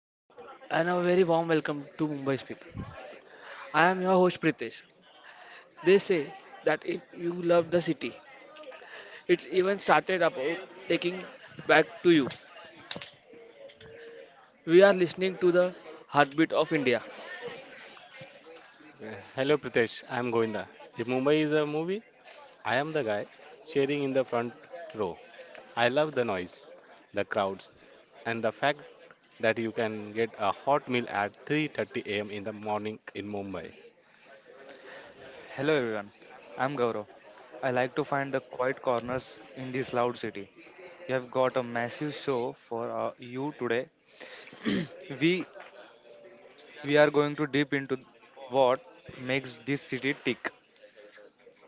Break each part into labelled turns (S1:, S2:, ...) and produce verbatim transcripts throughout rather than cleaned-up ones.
S1: Hello, and a very warm welcome to Mumbai's people. I am your host Pritesh. They say that if you love the city, it's even started about taking back to you. We are listening to the heartbeat of India.
S2: Uh, Hello Pritesh, I am Govinda. If Mumbai is a movie, I am the guy cheering in the front row. I love the noise, the crowds, and the fact that you can get a hot meal at three thirty a m in the morning in Mumbai.
S3: Hello everyone, I'm Gaurav. I like to find the quiet corners in this loud city. We have got a massive show for uh, you today. we we are going to deep into what makes this city tick,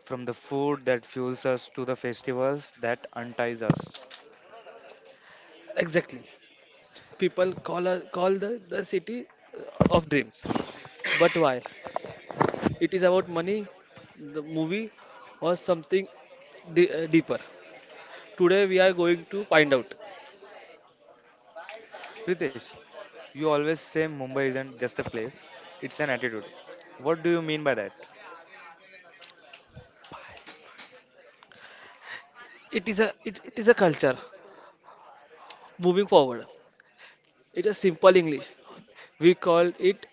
S3: from the food that fuels us to the festivals that unties us.
S1: Exactly. People call us call the, the city uh, of dreams. But why? It is about money, the movie, or something de- uh, deeper. Today we are going to find out.
S3: Pritesh, you always say Mumbai isn't just a place; it's an attitude. What do you mean by that?
S1: It is a it, it is a culture moving forward. It is simple English. We call it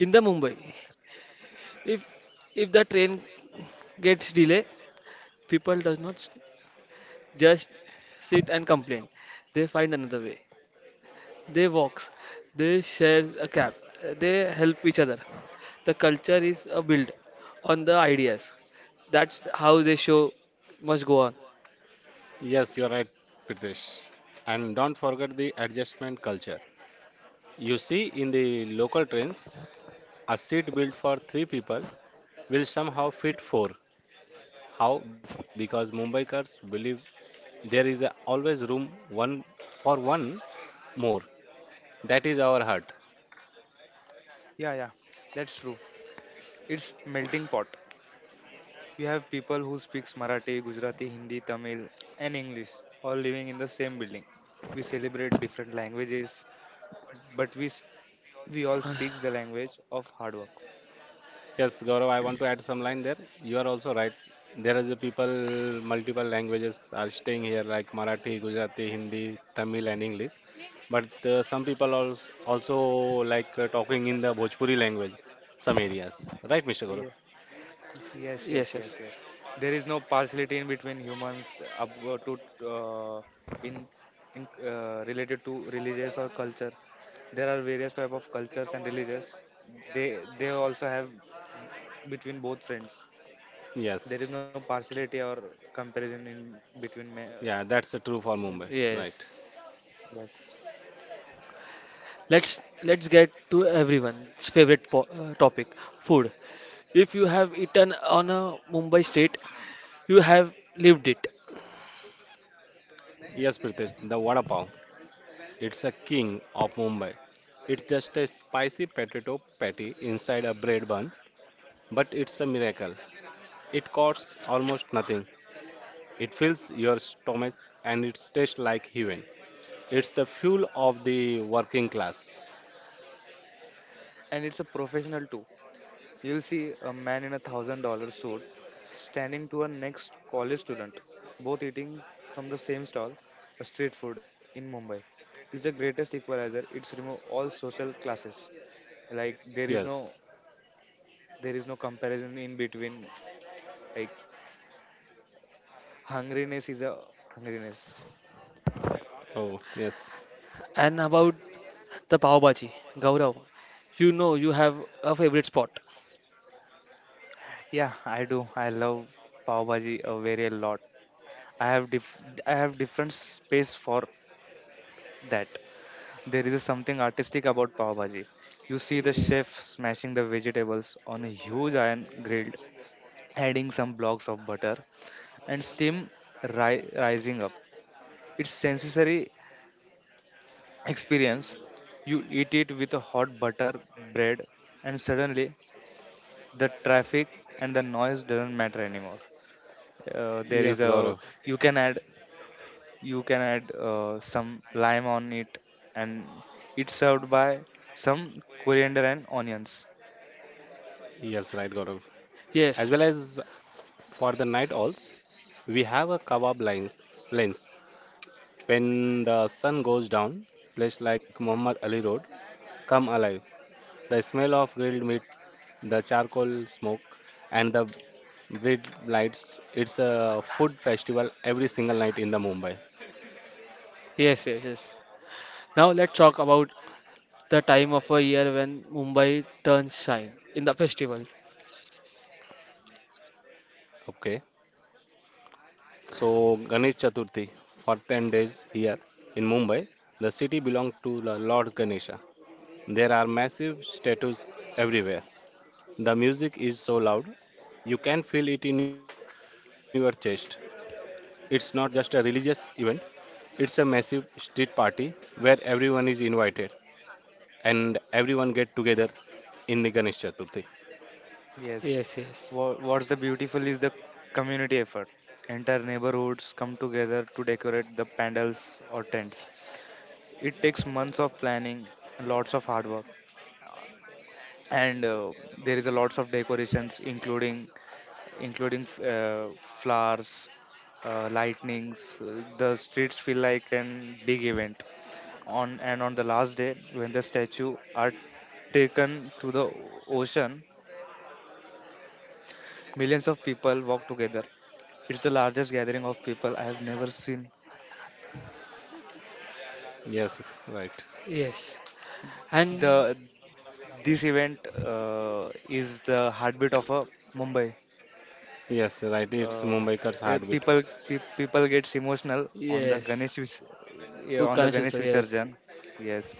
S1: in the Mumbai. If if the train gets delay, people does not s- just sit and complain. They find another way. They walks. They share a cab. They help each other. The culture is a build on the ideas. That's how they show must go on.
S2: Yes, you are right, Pritesh. And don't forget the adjustment culture. You see in the local trains, a seat built for three people will somehow fit four. How? Because Mumbaikars believe there is a- always room one for one more, that is our heart.
S3: Yeah, yeah, that's true. It's melting pot. You have people who speaks Marathi, Gujarati, Hindi, Tamil, and English, all living in the same building. We celebrate different languages, but we s- we all speaks the language of hard work.
S2: Yes Gaurav, I want to add some line there, you are also right. There is a people, multiple languages are staying here like Marathi, Gujarati, Hindi, Tamil and English, but uh, some people also, also like uh, talking in the Bhojpuri language, some areas.
S3: Yes,
S2: Right Mr. Gaurav.
S3: yes, yes, yes,
S1: Yes,
S3: yes.
S1: yes,
S3: There is no partiality in between humans up uh, to uh, in in uh, related to religious or culture. There are various type of cultures and religions. They they also have between both friends. There is no
S2: Yes.
S3: partiality or comparison in between. ma-
S2: Yeah, that's uh, true for
S3: in-
S2: Mumbai. Right.
S1: yes.
S3: Yes,
S1: Let's let's get to everyone's favorite po- uh, topic, food. If you have eaten on a Mumbai street, you have lived it.
S2: Yes Pritesh, the vada pav. It's a king of Mumbai. It's just a spicy potato patty inside a bread bun, but it's a miracle. It costs almost nothing. It fills your stomach and it tastes like heaven. It's the fuel of the working class.
S3: and it's a professional too. You'll see a man in a thousand dollar suit standing to a next college student, both eating from the same stall, a street food in Mumbai. It's the greatest equalizer. It's remove all social classes. Like there is no
S2: Yes.
S3: there is no comparison in between. Like hungriness is a hungriness.
S2: Oh, yes.
S1: And about the Pav Bhaji, Gaurav, you know you have a favorite spot.
S3: Yeah, I do. I love pav bhaji a very a lot. I have dif- I have different space for that. There is something artistic about pav bhaji. You see the chef smashing the vegetables on a huge iron grill, adding some blocks of butter and steam ri- rising up. It's sensory experience. You eat it with a hot butter bread, and suddenly the traffic and the noise doesn't matter anymore. Uh, there is
S2: Yes,
S3: a
S2: Gaurav.
S3: you can add you can add uh, some lime on it, and it's served by some coriander and onions.
S2: Yes, right, Gaurav. As
S1: Yes,
S2: well as for the night owls, we have a kebab lens. lens. When the sun goes down, place like Muhammad Ali Road, come alive. The smell of grilled meat, the charcoal smoke, and the bright lights. It's a food festival every single night in the Mumbai.
S1: yes, yes, yes. Now let's talk about the time of a year when Mumbai turns shine in the festival.
S2: Okay. So Ganesh Chaturthi for ten days here in Mumbai. The city belongs to the Lord Ganesha. There are massive statues everywhere. The music is so loud, you can feel it in your chest. It's not just a religious event, it's a massive street party where everyone is invited, and everyone get together in the Ganesh Chaturthi.
S3: Yes,
S1: Yes, yes,
S3: what, what's the beautiful is the community effort. Entire neighborhoods come together to decorate the pandals or tents. It takes months of planning, lots of hard work, and uh, there is a lots of decorations including including uh, flowers, uh, lightnings. Uh, the streets feel like an big event. On and on the last day, when the statue are taken to the ocean, millions of people walk together. It's the largest gathering of people I have never seen.
S2: Yes, right.
S1: yes. And
S3: The this event uh, is the heartbeat of a Mumbai.
S2: Yes, right. It's
S3: Uh,
S2: Mumbaikar's
S3: yeah,
S2: heartbeat.
S3: people pe- people gets emotional on the
S1: yes,
S3: Ganesh vis- yeah,
S1: oh,
S3: on the
S1: Ganesh
S3: Ganesh
S1: also, yes,
S3: Visarjan. Yes,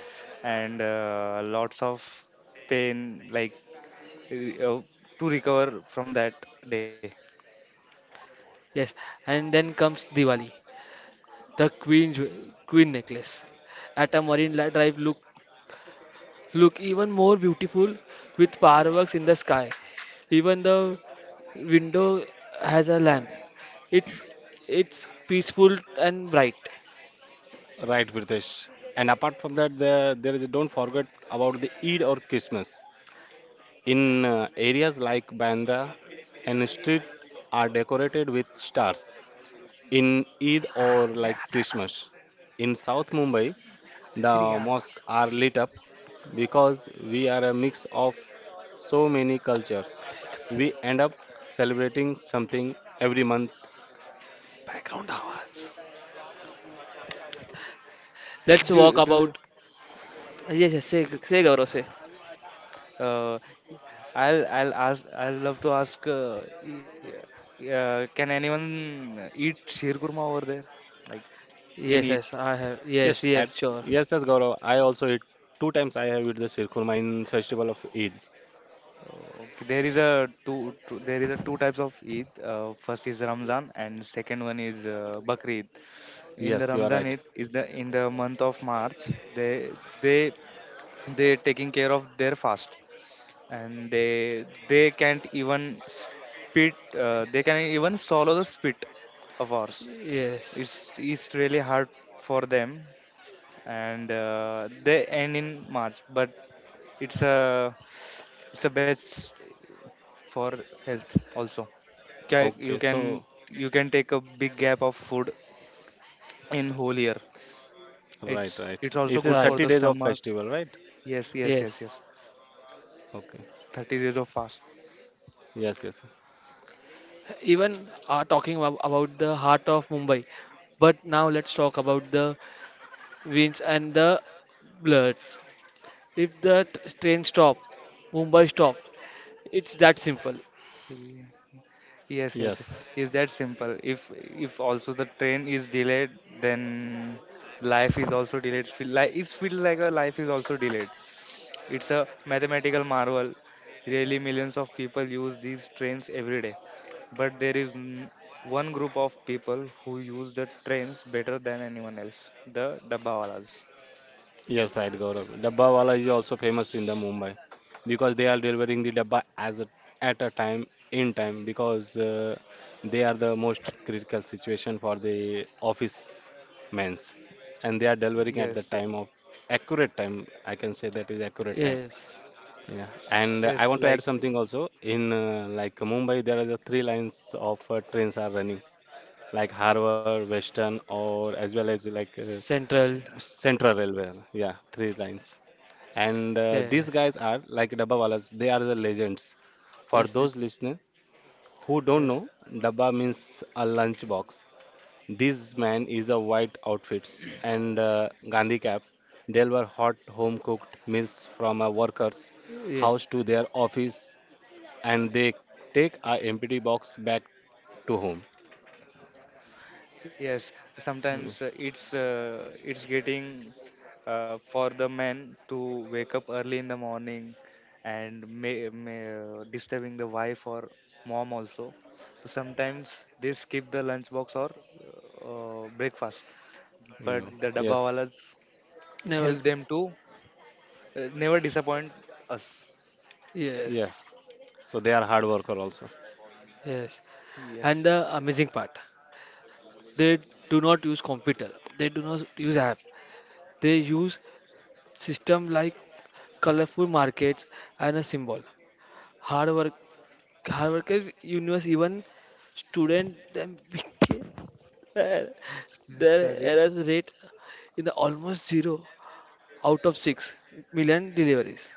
S3: and uh, lots of pain, like uh, to recover from that day.
S1: yes. And then comes Diwali, the Queen jewel- Queen necklace. At a Marine li- Drive look look even more beautiful with fireworks in the sky. Even the window has a lamp. It's it's peaceful and bright.
S2: Right, Pritesh. And apart from that, there, there is don't forget about the Eid or Christmas. In uh, areas like Bandra and street are decorated with stars. In Eid or
S3: Me
S2: like
S3: आता है ना
S2: Christmas. In South Mumbai, the mosques are lit up because we are a mix of so many cultures. We end up celebrating something every month.
S1: Background आवाज. Let's
S3: Do
S1: walk
S3: do you-
S1: about. Yes, yes, say, say Gaurav, say.
S3: uh, I'll I'll ask I'll love to ask, uh, y- uh, can anyone eat sheer kurma over there, like in
S1: Yes,
S3: Eid?
S1: yes, I
S2: Yes,
S1: have.
S2: at
S1: Yes, yes,
S2: yes, yes,
S1: sure.
S2: Gaurav. I also eat two times. I have eat the Shir Khurma in festival of Eid.
S3: Okay, there is a two, two there is a two types of Eid. Uh, first is Ramzan and second one is uh, Bakrid. In the
S2: Yes, you are
S3: Ramzan
S2: right.
S3: Eid is the in the month of March they they they taking care of their fast, and they they can't even spit. Uh, they can even swallow the spit of ours. It's
S1: Yes,
S3: it's really hard for them, and uh, they end in March. But it's a it's a best for health also. Ca- You
S2: Okay,
S3: can
S2: so
S3: you can take a big gap of food in whole year.
S2: right,
S3: It's
S2: right.
S3: it's also
S2: It is
S3: good for
S2: thirty
S1: right.
S3: the
S2: days of
S3: stomach.
S2: festival, right?
S3: Yes, yes, yes,
S1: Yes.
S3: yes.
S2: Okay.
S3: thirty days of fast.
S2: Yes, yes,
S1: Even are talking ab- about the heart of Mumbai. But now let's talk about the winds and the bloods. If that train stop, Mumbai stop. It's that simple.
S3: Ye- Yes, yes.
S2: yes.
S3: Is that simple? If if also the train is delayed, then life is also delayed. Feel like it's feel like a life is also delayed. It's a mathematical marvel. Really, millions of people use these trains every day. But there is n- One group of people who use the trains better than anyone else, the Dabbawalas.
S2: Yes, right, Gaurav. Dabba Wala is also famous in the Mumbai because they are delivering the dabba as a, at a time in time because uh, they are the most critical situation for the office men's, and they are delivering
S3: Yes,
S2: at the time of accurate time. I can say that is accurate time.
S1: Yes.
S2: Yeah, and I
S3: yes,
S2: want to
S3: like.
S2: add something also. In uh, like Mumbai, there are the three lines of uh, trains are running, like Harbour, Western, or as well as like uh,
S1: Central.
S2: Central Railway. Yeah, three lines. And uh, these guys
S1: Yes.
S2: are like Dabbawalas, they are the legends. For
S1: Yes. it-
S2: those listeners who don't
S3: Yes,
S2: know, Dabba means a lunch box. This man is a white outfits and uh, Gandhi cap. They were hot home cooked meals from a worker's
S1: Yeah.
S2: house to their office and they take a empty box back to home.
S3: yes.
S2: Mm.
S3: Sometimes uh, it's uh, it's getting uh, for the men to wake up early in the morning, and may, may, uh, disturbing the wife or mom also. So sometimes they skip the lunch box or uh, uh, breakfast, but
S2: Yeah.
S3: the
S2: Yes.
S3: dabawalas
S1: Never.
S3: help them to uh, never disappoint us.
S2: Yeah.
S1: Yes.
S2: So they are hard worker also.
S1: Yes.
S3: Yes,
S1: And the amazing part, they do not use computer. They do not use app. They use system like colorful markets and a symbol. Hard work. Hard workers, universe, even student them became their
S3: yes, studied.
S1: error rate in the almost zero, out of six million deliveries.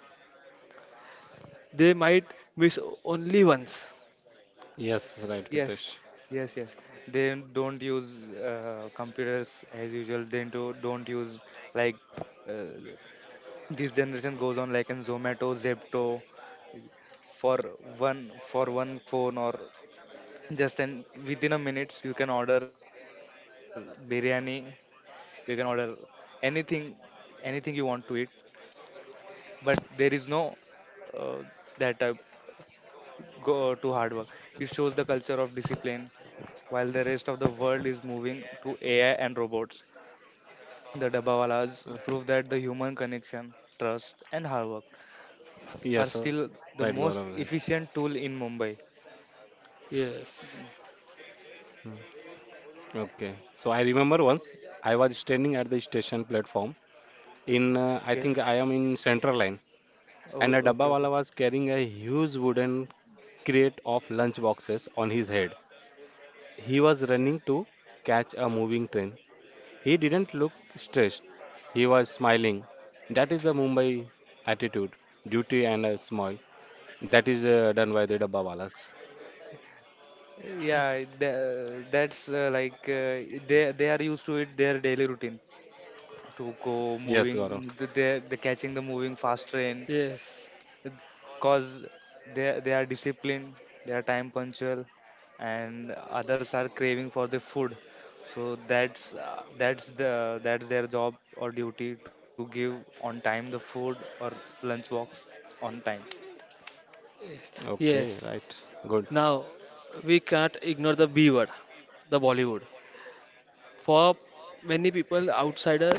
S1: They might miss only once.
S2: Yes, right,
S3: Yes,
S2: Pritesh.
S3: yes, yes. They don't use uh, computers as usual. They do, don't use, like uh, this generation goes on, like in Zomato, Zepto, for one for one phone or just an within a minutes you can order biryani. You can order anything anything you want to eat, but there is no uh, that type go to hard work. It shows the culture of discipline. While the rest of the world is moving to ai and robots, the dabawalas
S2: Uh,
S3: prove that the human connection, trust, and hard work are
S2: Yes, right,
S3: still
S2: Gaurav.
S3: the most efficient tool in mumbai.
S1: Yes,
S2: Okay. So I remember once I was standing at the station platform in uh, I think
S3: Okay.
S2: I am in Central Line and a
S3: oh,
S2: dabba
S3: okay
S2: wala
S3: okay
S2: was carrying a huge wooden crate of lunch boxes on his head. He was
S3: okay.
S2: running to catch a moving train. He didn't look stressed. He was smiling. That is the Mumbai attitude, duty and a smile. That is uh, done by the dabba walas.
S3: Yeah, tha- that's uh, like, uh, they they are used to it their daily routine to go
S2: Yes,
S3: moving.
S2: Gaurav.
S3: Th- they they catching the moving fast train,
S1: yes,
S3: cause they they are disciplined, they are time punctual, and others are craving for the food. So that's uh, that's the that's their job or duty to give on time the food or lunch box on time.
S1: yes,
S2: Okay,
S1: yes.
S2: right. Good.
S1: Now we can't ignore the B word, the Bollywood. For many people outsider,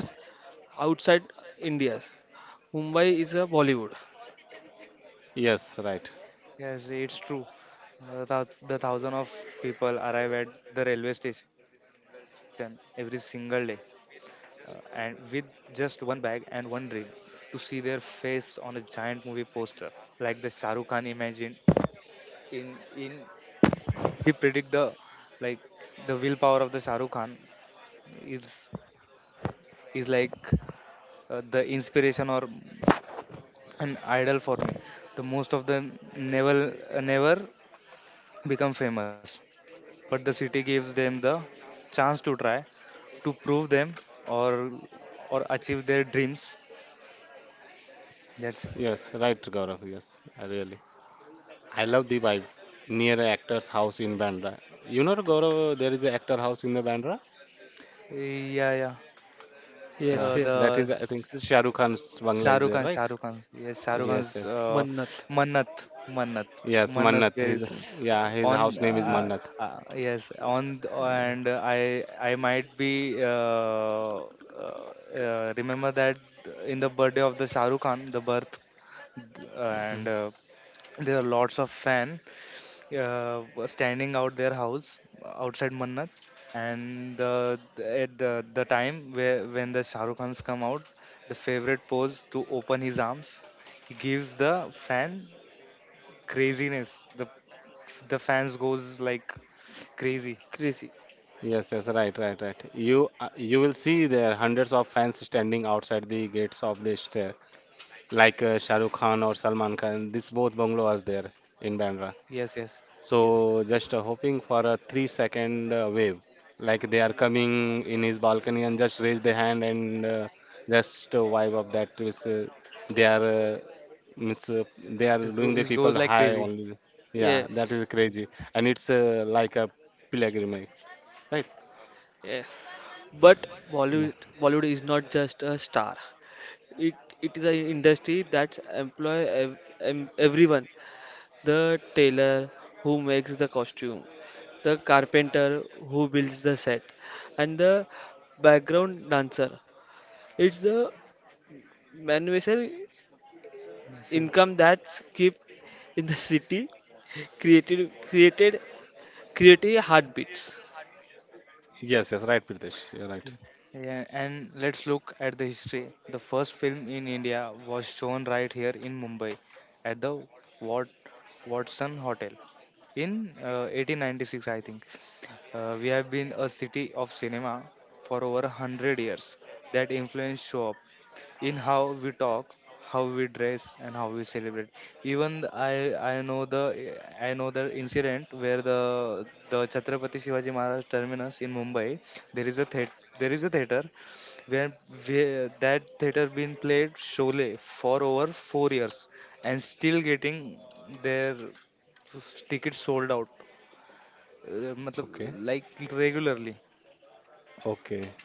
S1: outside India's, Mumbai is a Bollywood.
S2: Yes, right.
S3: Yes, it's true. Uh, the, thou- the thousand of people arrive at the railway station every single day, uh, and with just one bag and one dream to see their face on a giant movie poster, like the Shah Rukh Khan imagined. In in He predict the, like, the willpower of the Shah Rukh Khan is is like uh, the inspiration or an idol for me. The most of them never never become famous, but the city gives them the chance to try, to prove them, or or achieve their dreams. That's
S2: Yes, right, Gaurav. Yes, I really. I love the vibe near an actor's house in Bandra. You know, Gaurav, there is an actor house in the Bandra.
S3: yeah, yeah.
S2: Yeah,
S1: Yes,
S3: uh,
S1: yes.
S2: that
S3: the
S2: is, I think,
S3: s-
S2: Shah Rukh Khan's bungalow is
S3: Shahrukh
S2: there,
S3: Khan,
S2: right?
S3: Shahrukh Khan. Yes, Shahrukh
S2: Yes,
S3: Khan's
S2: yes,
S3: uh,
S1: Mannat.
S3: Mannat, Mannat,
S2: yes.
S3: Mannat.
S2: Mannat.
S3: There is
S2: His, yeah, his
S3: on
S2: house name is
S1: Hmm,
S3: uh,
S2: Mannat.
S3: uh, yes on th-
S2: Yeah.
S3: and I I might be uh, uh, uh, remember that in the birthday of the Shahrukh Khan, the birth,
S2: Mhm.
S3: and uh, there are lots of fan uh, standing out their house outside Mannat, and the, at the the time where when the Shahrukh Rukh Khans come out, the favorite pose to open his arms. He gives the fan craziness. The the fans goes like crazy.
S1: Crazy.
S2: Yes, yes, right, right, right. You, uh, you will see there hundreds of fans standing outside the gates of the stair, like uh, Shah Rukh Khan or Salman Khan. This both bungalows there in Bandra.
S3: Yes, yes, yes.
S2: So just uh, hoping for a three second uh, wave, like they are coming in his balcony and just raise the hand and uh, just uh, vibe up, that is, uh, they are uh, means, uh, they
S3: It,
S2: are
S3: go,
S2: doing
S3: it
S2: the
S3: goes
S2: people
S3: like
S2: high
S3: crazy.
S2: only. Yeah, that
S1: Yes,
S2: is crazy, and it's uh, like a pilgrimage, right?
S1: yes. But Bollywood,
S2: Yeah.
S1: Bollywood is not just a star. it it is an industry that employ ev- em- everyone, the tailor who makes the costume, the carpenter who builds the set, and the background dancer. It's the manual
S3: Massive.
S1: income that's kept in the city, created created creative heartbeats.
S2: Yes, yes, right, Pritesh, you're right.
S3: Yeah, and let's look at the history. The first film in India was shown right here in Mumbai at the Wat- Watson Hotel in uh, eighteen ninety-six, I think. Uh, we have been a city of cinema for over a hundred years. That influence show up in how we talk, how we dress, and how we celebrate. Even th- I I know the i know the incident where the the chhatrapati shivaji maharaj terminus in mumbai, there is a theat there is a theater where, where that theater been played Sholay for over four years, and still getting their tickets sold out. uh, matlab,
S2: Okay,
S3: like regularly.
S2: okay.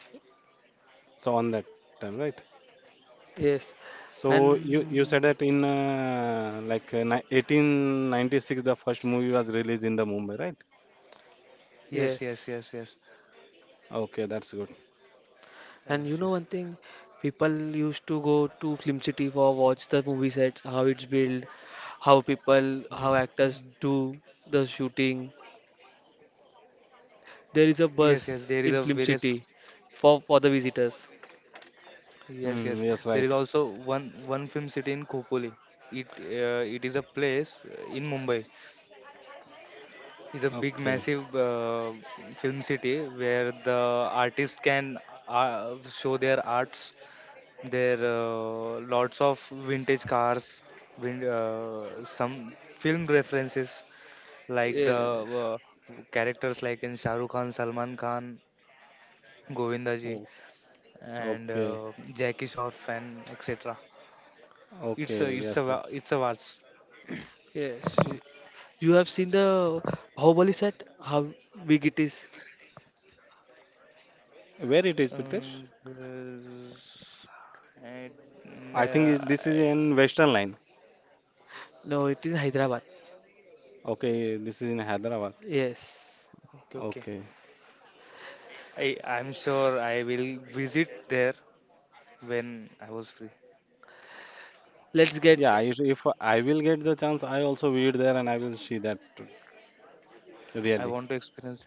S2: So on that time, right?
S1: Yes,
S2: So you you said that
S1: and
S2: in uh, like uh, ni- eighteen ninety-six the first movie was released in the Mumbai, right?
S3: Yes yes yes
S1: yes.
S3: yes
S2: Okay, that's good.
S1: And you
S3: yes
S1: know one thing, people used to go to Film City for watch the movie sets, how it's built, how people, how
S3: yes.
S1: actors do the shooting. There
S3: Yes,
S1: is a
S3: yes, there is a
S1: bus in
S3: various.
S1: Film City for for the visitors.
S3: Yes, yes,
S2: Hmm,
S3: there
S2: yes,
S3: is
S2: right.
S3: also one one film city in Khopoli. It uh, it is a place uh, in Mumbai. It's a big,
S2: Okay.
S3: massive uh, film city where the artists can uh, show their arts. There uh, lots of vintage cars, vin- uh, some film references like the
S1: Yeah,
S3: uh, characters like in Shah Rukh Khan, Salman Khan, Govindaji,
S2: Oh,
S3: and
S2: okay.
S3: uh, Jackie Shroff, and et cetera. It's a
S2: Okay.
S3: it's a
S2: Yes,
S3: va-
S2: yes.
S3: it's a vast.
S1: yes. y-
S2: Oh,
S1: You have seen the Bahubali set, how big it is?
S2: where it is,
S3: Um,
S2: Pritesh?
S3: this- I- n-
S2: I
S3: uh,
S2: think it, this
S3: I-
S2: is in Western Line.
S1: No, it is in Hyderabad.
S2: Okay, this is in Hyderabad.
S1: Yes.
S3: okay.
S2: Okay.
S3: I I'm sure I will visit there when I was free.
S1: Let's get
S2: Yeah, I, if I will get the chance, I also visit there and I will see that
S3: I
S2: really.
S3: want to experience.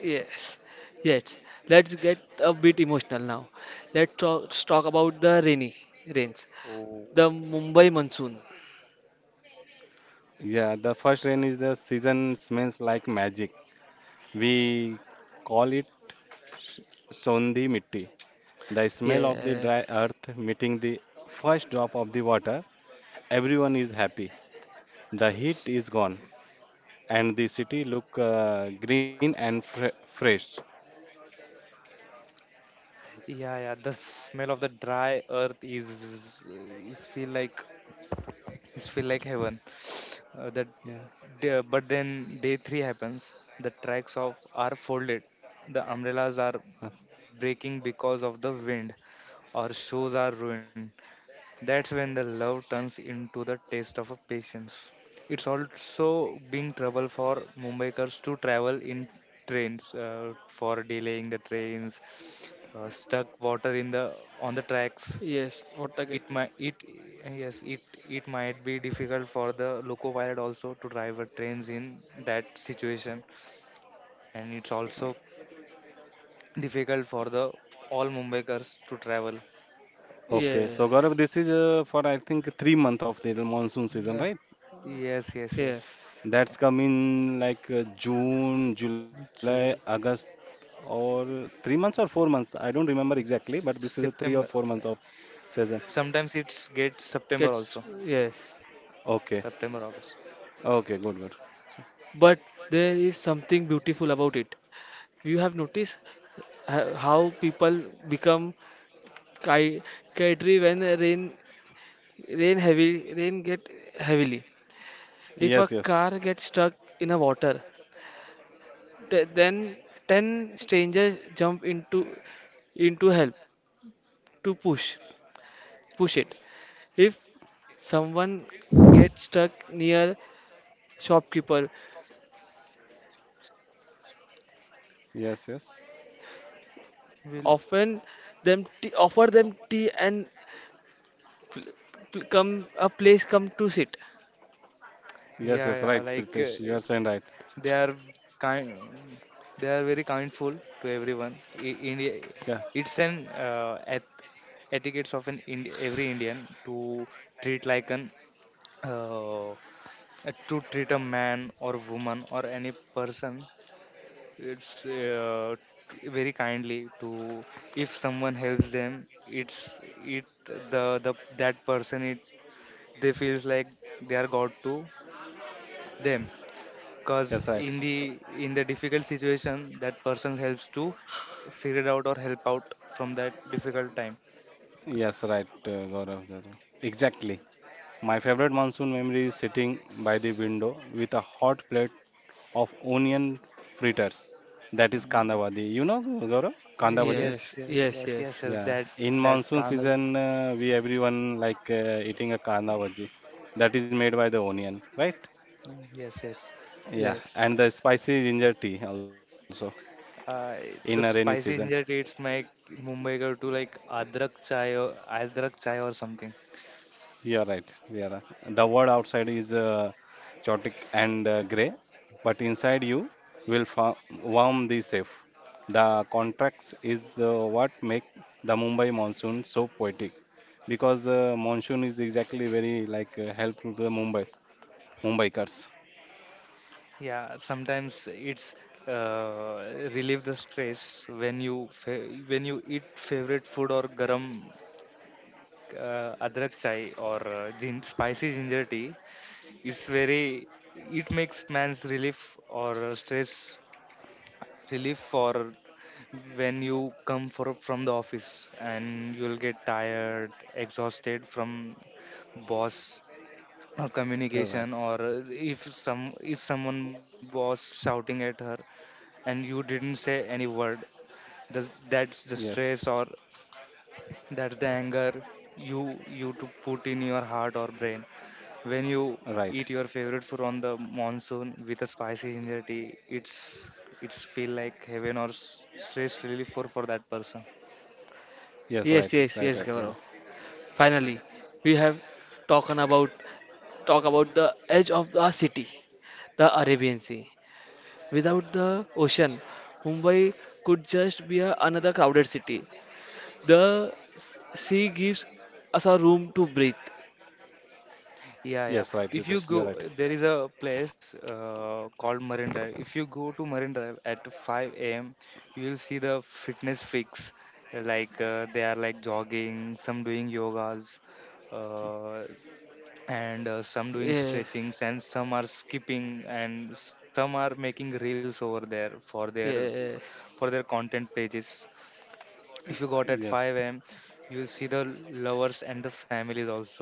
S1: Yes, yes. Let's get a bit emotional now. Let's talk, talk about the rainy rains.
S3: Oh.
S1: The Mumbai monsoon.
S2: Yeah, the first rain is the season smells like magic. We call it s- Sondhi Mitti. The smell of the dry
S1: Yes.
S2: earth meeting the first drop of the water. Everyone is happy. The heat is gone, and the city look uh, green and fre fresh.
S3: Yeah, yeah. The smell of the dry earth is is feel like is feel like heaven. Uh, that
S2: Yeah.
S3: the- but then day three happens. The tracks of are folded. The umbrellas are
S2: Uh,
S3: breaking because of the wind, or shoes are ruined. That's when the love turns into the taste of a patience. It's also been trouble for Mumbaikars to travel in trains, uh, for delaying the trains, uh, stuck water in the on the tracks.
S1: Yes. What again?
S3: It might it yes it It might be difficult for the loco pilot also to drive a trains in that situation, and it's also difficult for the all Mumbaikars to travel.
S2: okay, so Gaurav,
S1: Yes.
S2: this is uh, for I think three month of the monsoon season,
S3: Yeah.
S2: right?
S3: Yes yes yes.
S1: Yes.
S2: That's come in like uh, June, July,
S3: True.
S2: August, or three months or four months. I don't remember exactly,
S3: Yes.
S2: but this is a three or four
S3: September.
S2: months of
S3: uh,
S2: season.
S3: Sometimes it's get
S1: Gets
S3: September also.
S1: yes.
S2: Okay,
S3: September August.
S2: okay, good, good.
S1: But there is something beautiful about it. You have noticed ho- how people become ki- kitey when rain rain heavy rain get heavily. If
S2: Yes,
S1: a
S2: yes,
S1: car gets stuck in a water, th- then ten strangers jump into into help to push push it. If someone gets stuck near shopkeeper,
S2: yes, yes,
S1: often
S3: Will
S1: them tea, offer them tea, and pl- pl- come a place come to sit.
S2: yes, yes. Right,
S3: yeah,
S2: Pritesh,
S3: yeah,
S2: you are
S3: like,
S2: saying
S3: uh,
S2: right.
S3: they are kind. They are very kindful to everyone. I, India.
S2: Yeah,
S3: It's an uh, eth etiquettes of an Ind every Indian to treat like an, uh, to treat a man or woman or any person. It's, uh, t- very kindly to, if someone helps them, it's it the the that person it, they feels like they are god to them because
S2: yes, right.
S3: in the in the difficult situation that person helps to figure it out or help out from that difficult time.
S2: Yes, right, uh, Gaurav. Gaurav. Exactly. My favorite monsoon memory is sitting by the window with a hot plate of onion fritters. That is kanda
S3: Mm.
S2: bhaji. You know, Gaurav? Kanda bhaji?
S3: yes
S1: Yes,
S3: yes
S1: yes,
S3: yes yes
S1: yes,
S3: yes
S2: Yeah.
S3: that
S2: In
S3: that
S2: monsoon
S3: kind of.
S2: season, uh, we everyone like uh, eating a kanda bhaji. That is made by the onion, right?
S3: Mm, yes yes.
S2: Yeah.
S1: yes,
S2: And the spicy ginger tea also
S3: Uh,
S2: in a rainy
S3: the
S2: season.
S3: spicy ginger dates make Mumbai go to like adrak chai or adrak chai or something.
S2: You are right. We are right. The world outside is uh, chaotic and uh, gray, but inside you will fa- warm the safe. The contrast is uh, what make the Mumbai monsoon so poetic because uh, monsoon is exactly very like uh, helpful to the Mumbai Mumbaikars.
S3: Yeah, sometimes it's uh, relieve the stress when you fa- when you eat favorite food or garam uh, adrak chai or uh, gin- spicy ginger tea. It's very, it makes man's relief or uh, stress relief for when you come for, from the office and you'll get tired, exhausted from boss uh,
S2: All
S3: communication
S2: right.
S3: or uh, if some if someone was shouting at her and you didn't say any word, the, that's the
S2: Yes.
S3: stress or that's the anger you you to put in your heart or brain when you
S2: Right.
S3: eat your favorite food on the monsoon with a spicy ginger tea, it's it's feel like heaven or s- stress relief for for that person.
S2: Yes.
S1: yes,
S2: Right.
S1: yes,
S2: Right.
S1: yes,
S2: Right.
S1: Gaurav.
S2: Gaurav.
S1: Finally, we have talked about talk about the edge of the city, the Arabian Sea. Without the ocean, Mumbai could just be a, another crowded city. The s- sea gives us a room to breathe.
S3: Yeah,
S2: Yes.
S3: yeah,
S2: Right.
S3: if
S2: Vitesh,
S3: you
S2: you're
S3: go,
S2: right.
S3: there is a place uh, called Marine Drive. If you go to Marine Drive at five a m a.m, you will see the fitness freaks, uh, like uh, they are like jogging, some doing yogas, uh, and uh, some doing
S1: Yes,
S3: stretchings and some are skipping and some are making reels over there for their for their
S1: yes,
S3: content pages. If you got at
S2: Yes.
S3: five a m a.m, you'll see the lovers and the families also.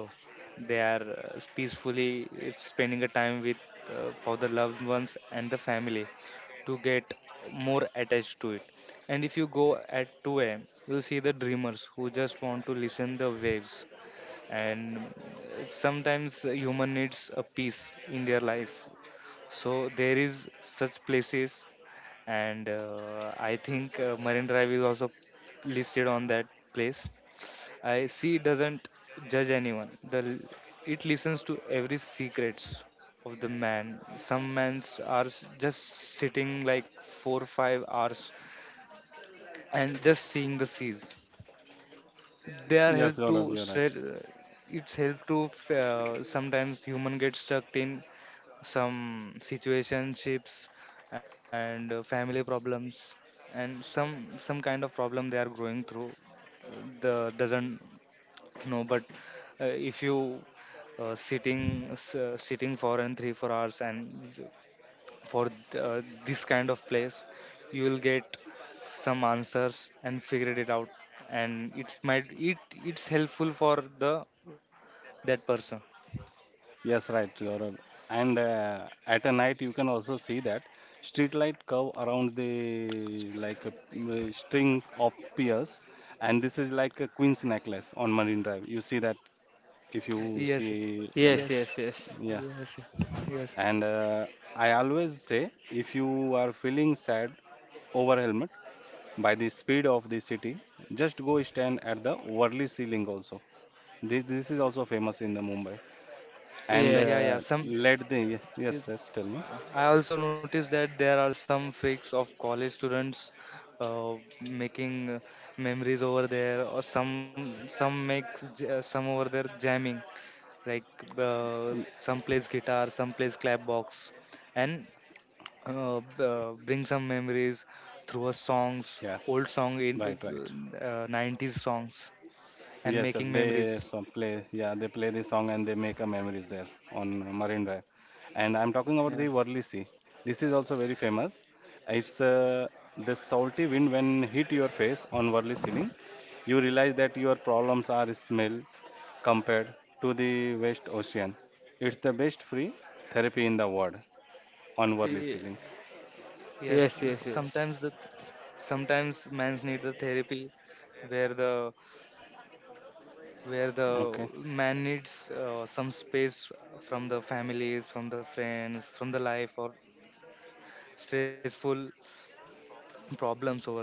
S3: They are uh, peacefully uh, spending a time with uh, for the loved ones and the family to get more attached to it. And if you go at two a m a.m, you'll see the dreamers who just want to listen the waves, and uh, sometimes uh, human needs a peace in their life, so there is such places. And uh, i think uh, Marine Drive is also listed on that place. I see it doesn't judge anyone, the l- it listens to every secrets of the man. Some mans are s- just sitting like four or five hours and just seeing the seas. They are help
S2: Yes,
S3: to
S2: Gaurav, you're
S3: straight.
S2: right.
S3: It's help to, uh, sometimes human get stuck in some situationships and uh, family problems, and some some kind of problem they are going through, the doesn't know. But uh, if you uh, sitting s- uh, sitting for and three four hours and for th- uh, this kind of place, you will get some answers and figured it out. And it's might it it's helpful for the that person.
S2: Yes, right, Gaurav. And uh, at a night, you can also see that street light curve around the like a, mm, string of piers, and this is like a queen's necklace on Marine Drive. You see that if you
S3: Yes,
S2: see and
S1: yes,
S3: yes,
S1: yes, yes,
S2: yeah
S3: yes, yes,
S2: and uh, I always say if you are feeling sad over helmet by the speed of the city, just go stand at the Worli ceiling also, this, this is also famous in the Mumbai. And
S3: yeah, yeah,
S1: yes,
S2: uh,
S3: some
S2: let the yes
S3: it-
S2: yes tell me.
S3: I also noticed that there are some freaks of college students, uh, making uh, memories over there, or some some makes j- uh, some over there jamming, like, uh,
S2: Y-
S3: some plays guitar, some plays clapbox, and uh, b- uh, bring some memories through a songs,
S2: yeah,
S3: old song in uh,
S2: right, right.
S3: uh, nineties songs, and
S2: Yes, yes,
S3: making
S2: they
S3: memories.
S2: some play. Yeah, they play the song and they make a memories there on Marine Drive. And I'm talking about
S3: Yeah.
S2: the Worli Sea. This is also very famous. It's uh, the salty wind when hit your face on Worli ceiling. You realize that your problems are small compared to the West Ocean. It's the best free therapy in the world on Worli
S1: ye-
S2: ceiling.
S3: Yes,
S1: yes,
S3: is-
S1: yes,
S3: sometimes
S1: yes,
S3: the sometimes man's need the therapy where the where the
S2: Okay.
S3: man needs uh, some space from the families, from the friends, from the life, or stressful problems over there.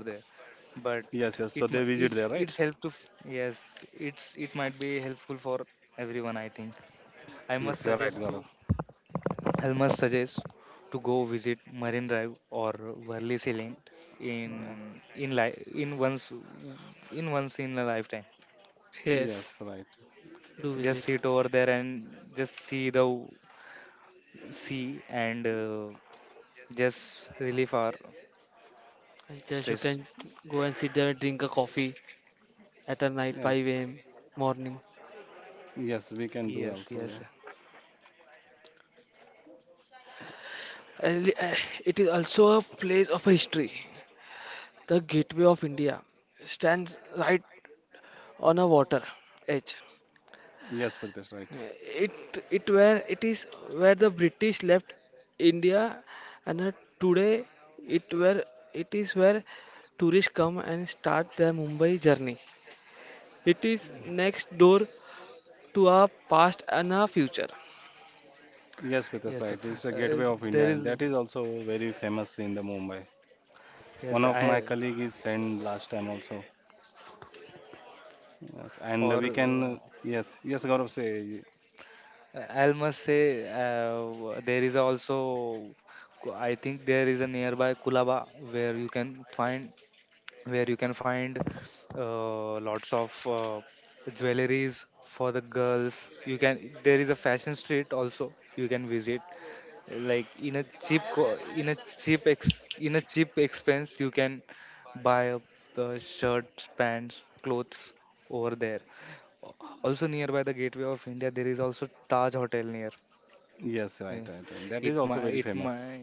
S3: But
S2: Yes, yes.
S3: it
S2: So
S3: mi-
S2: they visit
S3: it's
S2: there,
S3: it's
S2: right?
S3: help to f- yes, it's it might be helpful for everyone, I think. I must
S2: Yes, you're right,
S3: suggest to,
S2: Gaurav.
S3: I must suggest to go visit Marine Drive or Worli Ceiling in
S2: Yeah.
S3: in life in once, in once in a lifetime.
S1: yes.
S2: Yes, right.
S1: Do
S3: Just
S1: visit.
S3: sit over there and just see the sea, and uh, just relieve our
S1: And just you
S3: stress.
S1: can go and sit there and drink a coffee at a night,
S2: Yes.
S1: five a m morning.
S2: Yes, we can do
S3: Yes,
S2: also.
S3: yes,
S2: Yeah.
S1: And li- eh, It is also a place of history. The Gateway of India stands right on a water edge.
S2: Yes, Pritesh, right.
S1: It it where it is where the British left India, and uh, today it where it is where tourists come and start their Mumbai journey. It is next door to our past and our future.
S2: Yes,
S3: yes,
S2: Pritesh,
S3: sir.
S2: right. It's a
S3: Uh,
S2: gateway of
S3: there
S2: India.
S3: is
S2: That is also very famous in the Mumbai.
S3: yes
S2: One of my
S3: I
S2: colleague is sent last time also. Yes, and
S3: or
S2: we can yes, yes, Gaurav say
S3: uh, I must say, uh, there is also, I think there is a nearby Kulaba where you can find, where you can find, uh, lots of uh, jewelries for the girls. You can, there is a fashion street also you can visit, like in a cheap co- in a cheap ex in a cheap expense you can buy up the shirts, pants, clothes over there. Also nearby the Gateway of India, there is also Taj Hotel near.
S2: yes,
S3: Eh,
S2: right, right. Right. That
S3: It
S2: is
S3: my
S2: also very
S3: it my
S2: famous.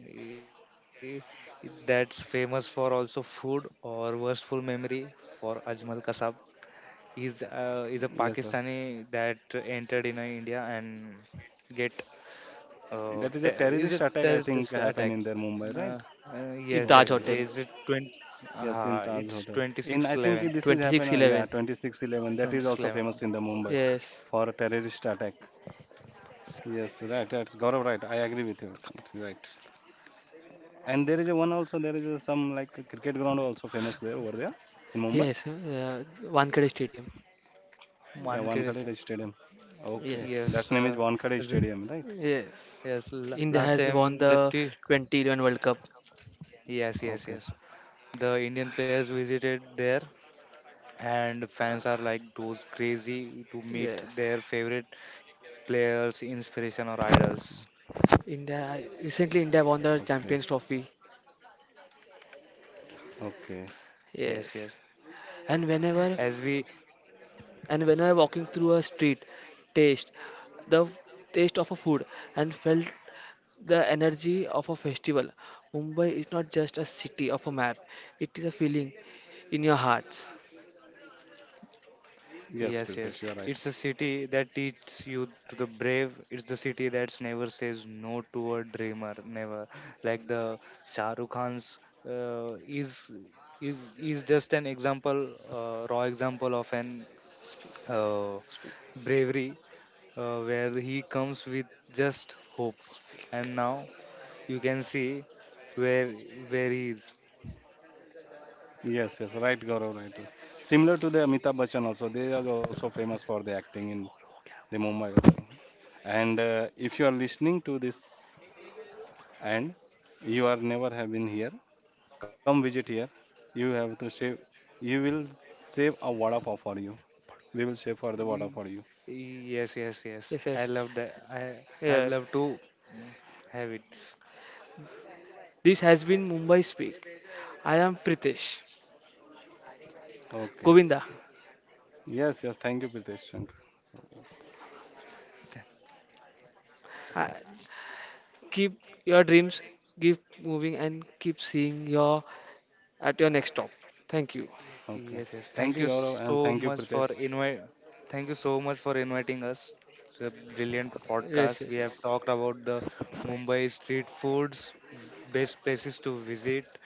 S3: that's famous for also food or worstful memory for Ajmal Kasab. He's uh, is a
S2: Yes, yes.
S3: Pakistani that entered in uh, India and get
S2: That
S3: uh,
S2: is a
S3: te-
S2: terrorist
S3: is it
S2: attack I think
S3: terrorist
S2: happened
S3: attack?
S2: in their Mumbai,
S3: Uh,
S2: right?
S3: uh,
S1: In
S3: yes,
S1: Taj
S3: yes.
S2: Okay.
S1: Hotel.
S3: Is it twenty?
S2: Yes, in
S3: Uh,
S2: Taj
S3: it's
S2: Hotel.
S3: twenty
S2: In
S3: six
S2: I think
S3: eleven.
S2: this is happened on yeah,
S1: twenty six eleven.
S2: twenty-six eleven. That is
S3: Twenty six
S2: also
S3: eleven.
S2: famous in the Mumbai
S1: Yes,
S2: for a terrorist attack. Yes, right, right. Gaurav, right. I agree with you. Right. And there is a one also, there is a some like a cricket ground also famous there over there in Mumbai.
S1: yes. uh, Wankhede Stadium.
S2: Yeah,
S3: Mankesh.
S2: Wankhede Stadium. Okay,
S1: Yes,
S3: Yes.
S2: that's name is
S3: Uh,
S2: Wankhede Stadium, right?
S1: yes.
S3: yes, la-
S1: India
S3: last
S1: has
S2: Oh,
S1: won
S3: time
S1: the
S3: the t-
S1: twenty eleven World Cup.
S3: yes, yes,
S2: okay,
S3: yes. The Indian players visited there, and fans are like those crazy to meet
S1: Yes.
S3: their favorite players, inspiration or idols.
S1: India recently india won
S2: okay,
S1: the Champions Trophy.
S2: okay.
S3: Yes, yes.
S1: Yes, and whenever
S3: As we,
S1: and whenever walking through a street, taste the f- taste of a food and felt the energy of a festival. Mumbai is not just a city of a map; it is a feeling in your hearts.
S2: Yes,
S3: yes,
S2: Pritesh,
S3: yes.
S2: you are right.
S3: It's a city that teaches you to the brave. It's the city that never says no to a dreamer. Never. Like the Shah Rukh Khan's uh, is is is just an example, uh, raw example of an
S1: Speaks,
S3: uh,
S1: speak,
S3: bravery, uh, where he comes with just hope,
S1: speak.
S3: and now you can see where where he is.
S2: Yes, yes, right, Gaurav, right. Similar to the Amitabh Bachchan also, they are also famous for the acting in the Mumbai also. And uh, if you are listening to this and you are never have been here, come visit here. You have to save, you will save a vada pav for you. We will share for the water
S3: He-
S2: for you.
S3: he- yes, yes, yes,
S1: Yes,
S3: I
S1: yes,
S3: love that. i I
S1: yes.
S3: love to, mm, have it.
S1: This has been Mumbai Speak. I am Pritesh,
S2: Okay.
S1: Govinda.
S2: Yes, yes. Thank you, Pritesh. Thank
S3: Th-
S1: I, keep your dreams, keep moving, and keep seeing your at your next stop. Thank you.
S2: you. Okay.
S3: yes, yes,
S2: Thank
S3: thank
S2: you,
S3: you
S2: Gaurav,
S3: so
S2: and thank you,
S3: much for
S2: Pritesh.
S3: invite, thank you so much for inviting us to the brilliant
S1: Yes,
S3: podcast.
S1: yes,
S3: We have
S1: yes.
S3: talked about the Mumbai street foods, best places to visit.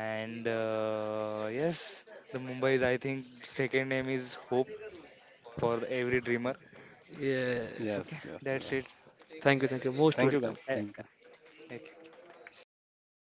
S3: And uh, yes, the Mumbai's, I think, second name is Hope for the every dreamer.
S1: Yes.
S2: Yes,
S3: Okay,
S2: yes. Yeah.
S3: that's it.
S1: Thank you, thank you. Most
S2: Thank you,
S1: welcome.
S2: guys.
S3: Yeah.
S2: Thank you.
S3: Okay.
S2: Thank you.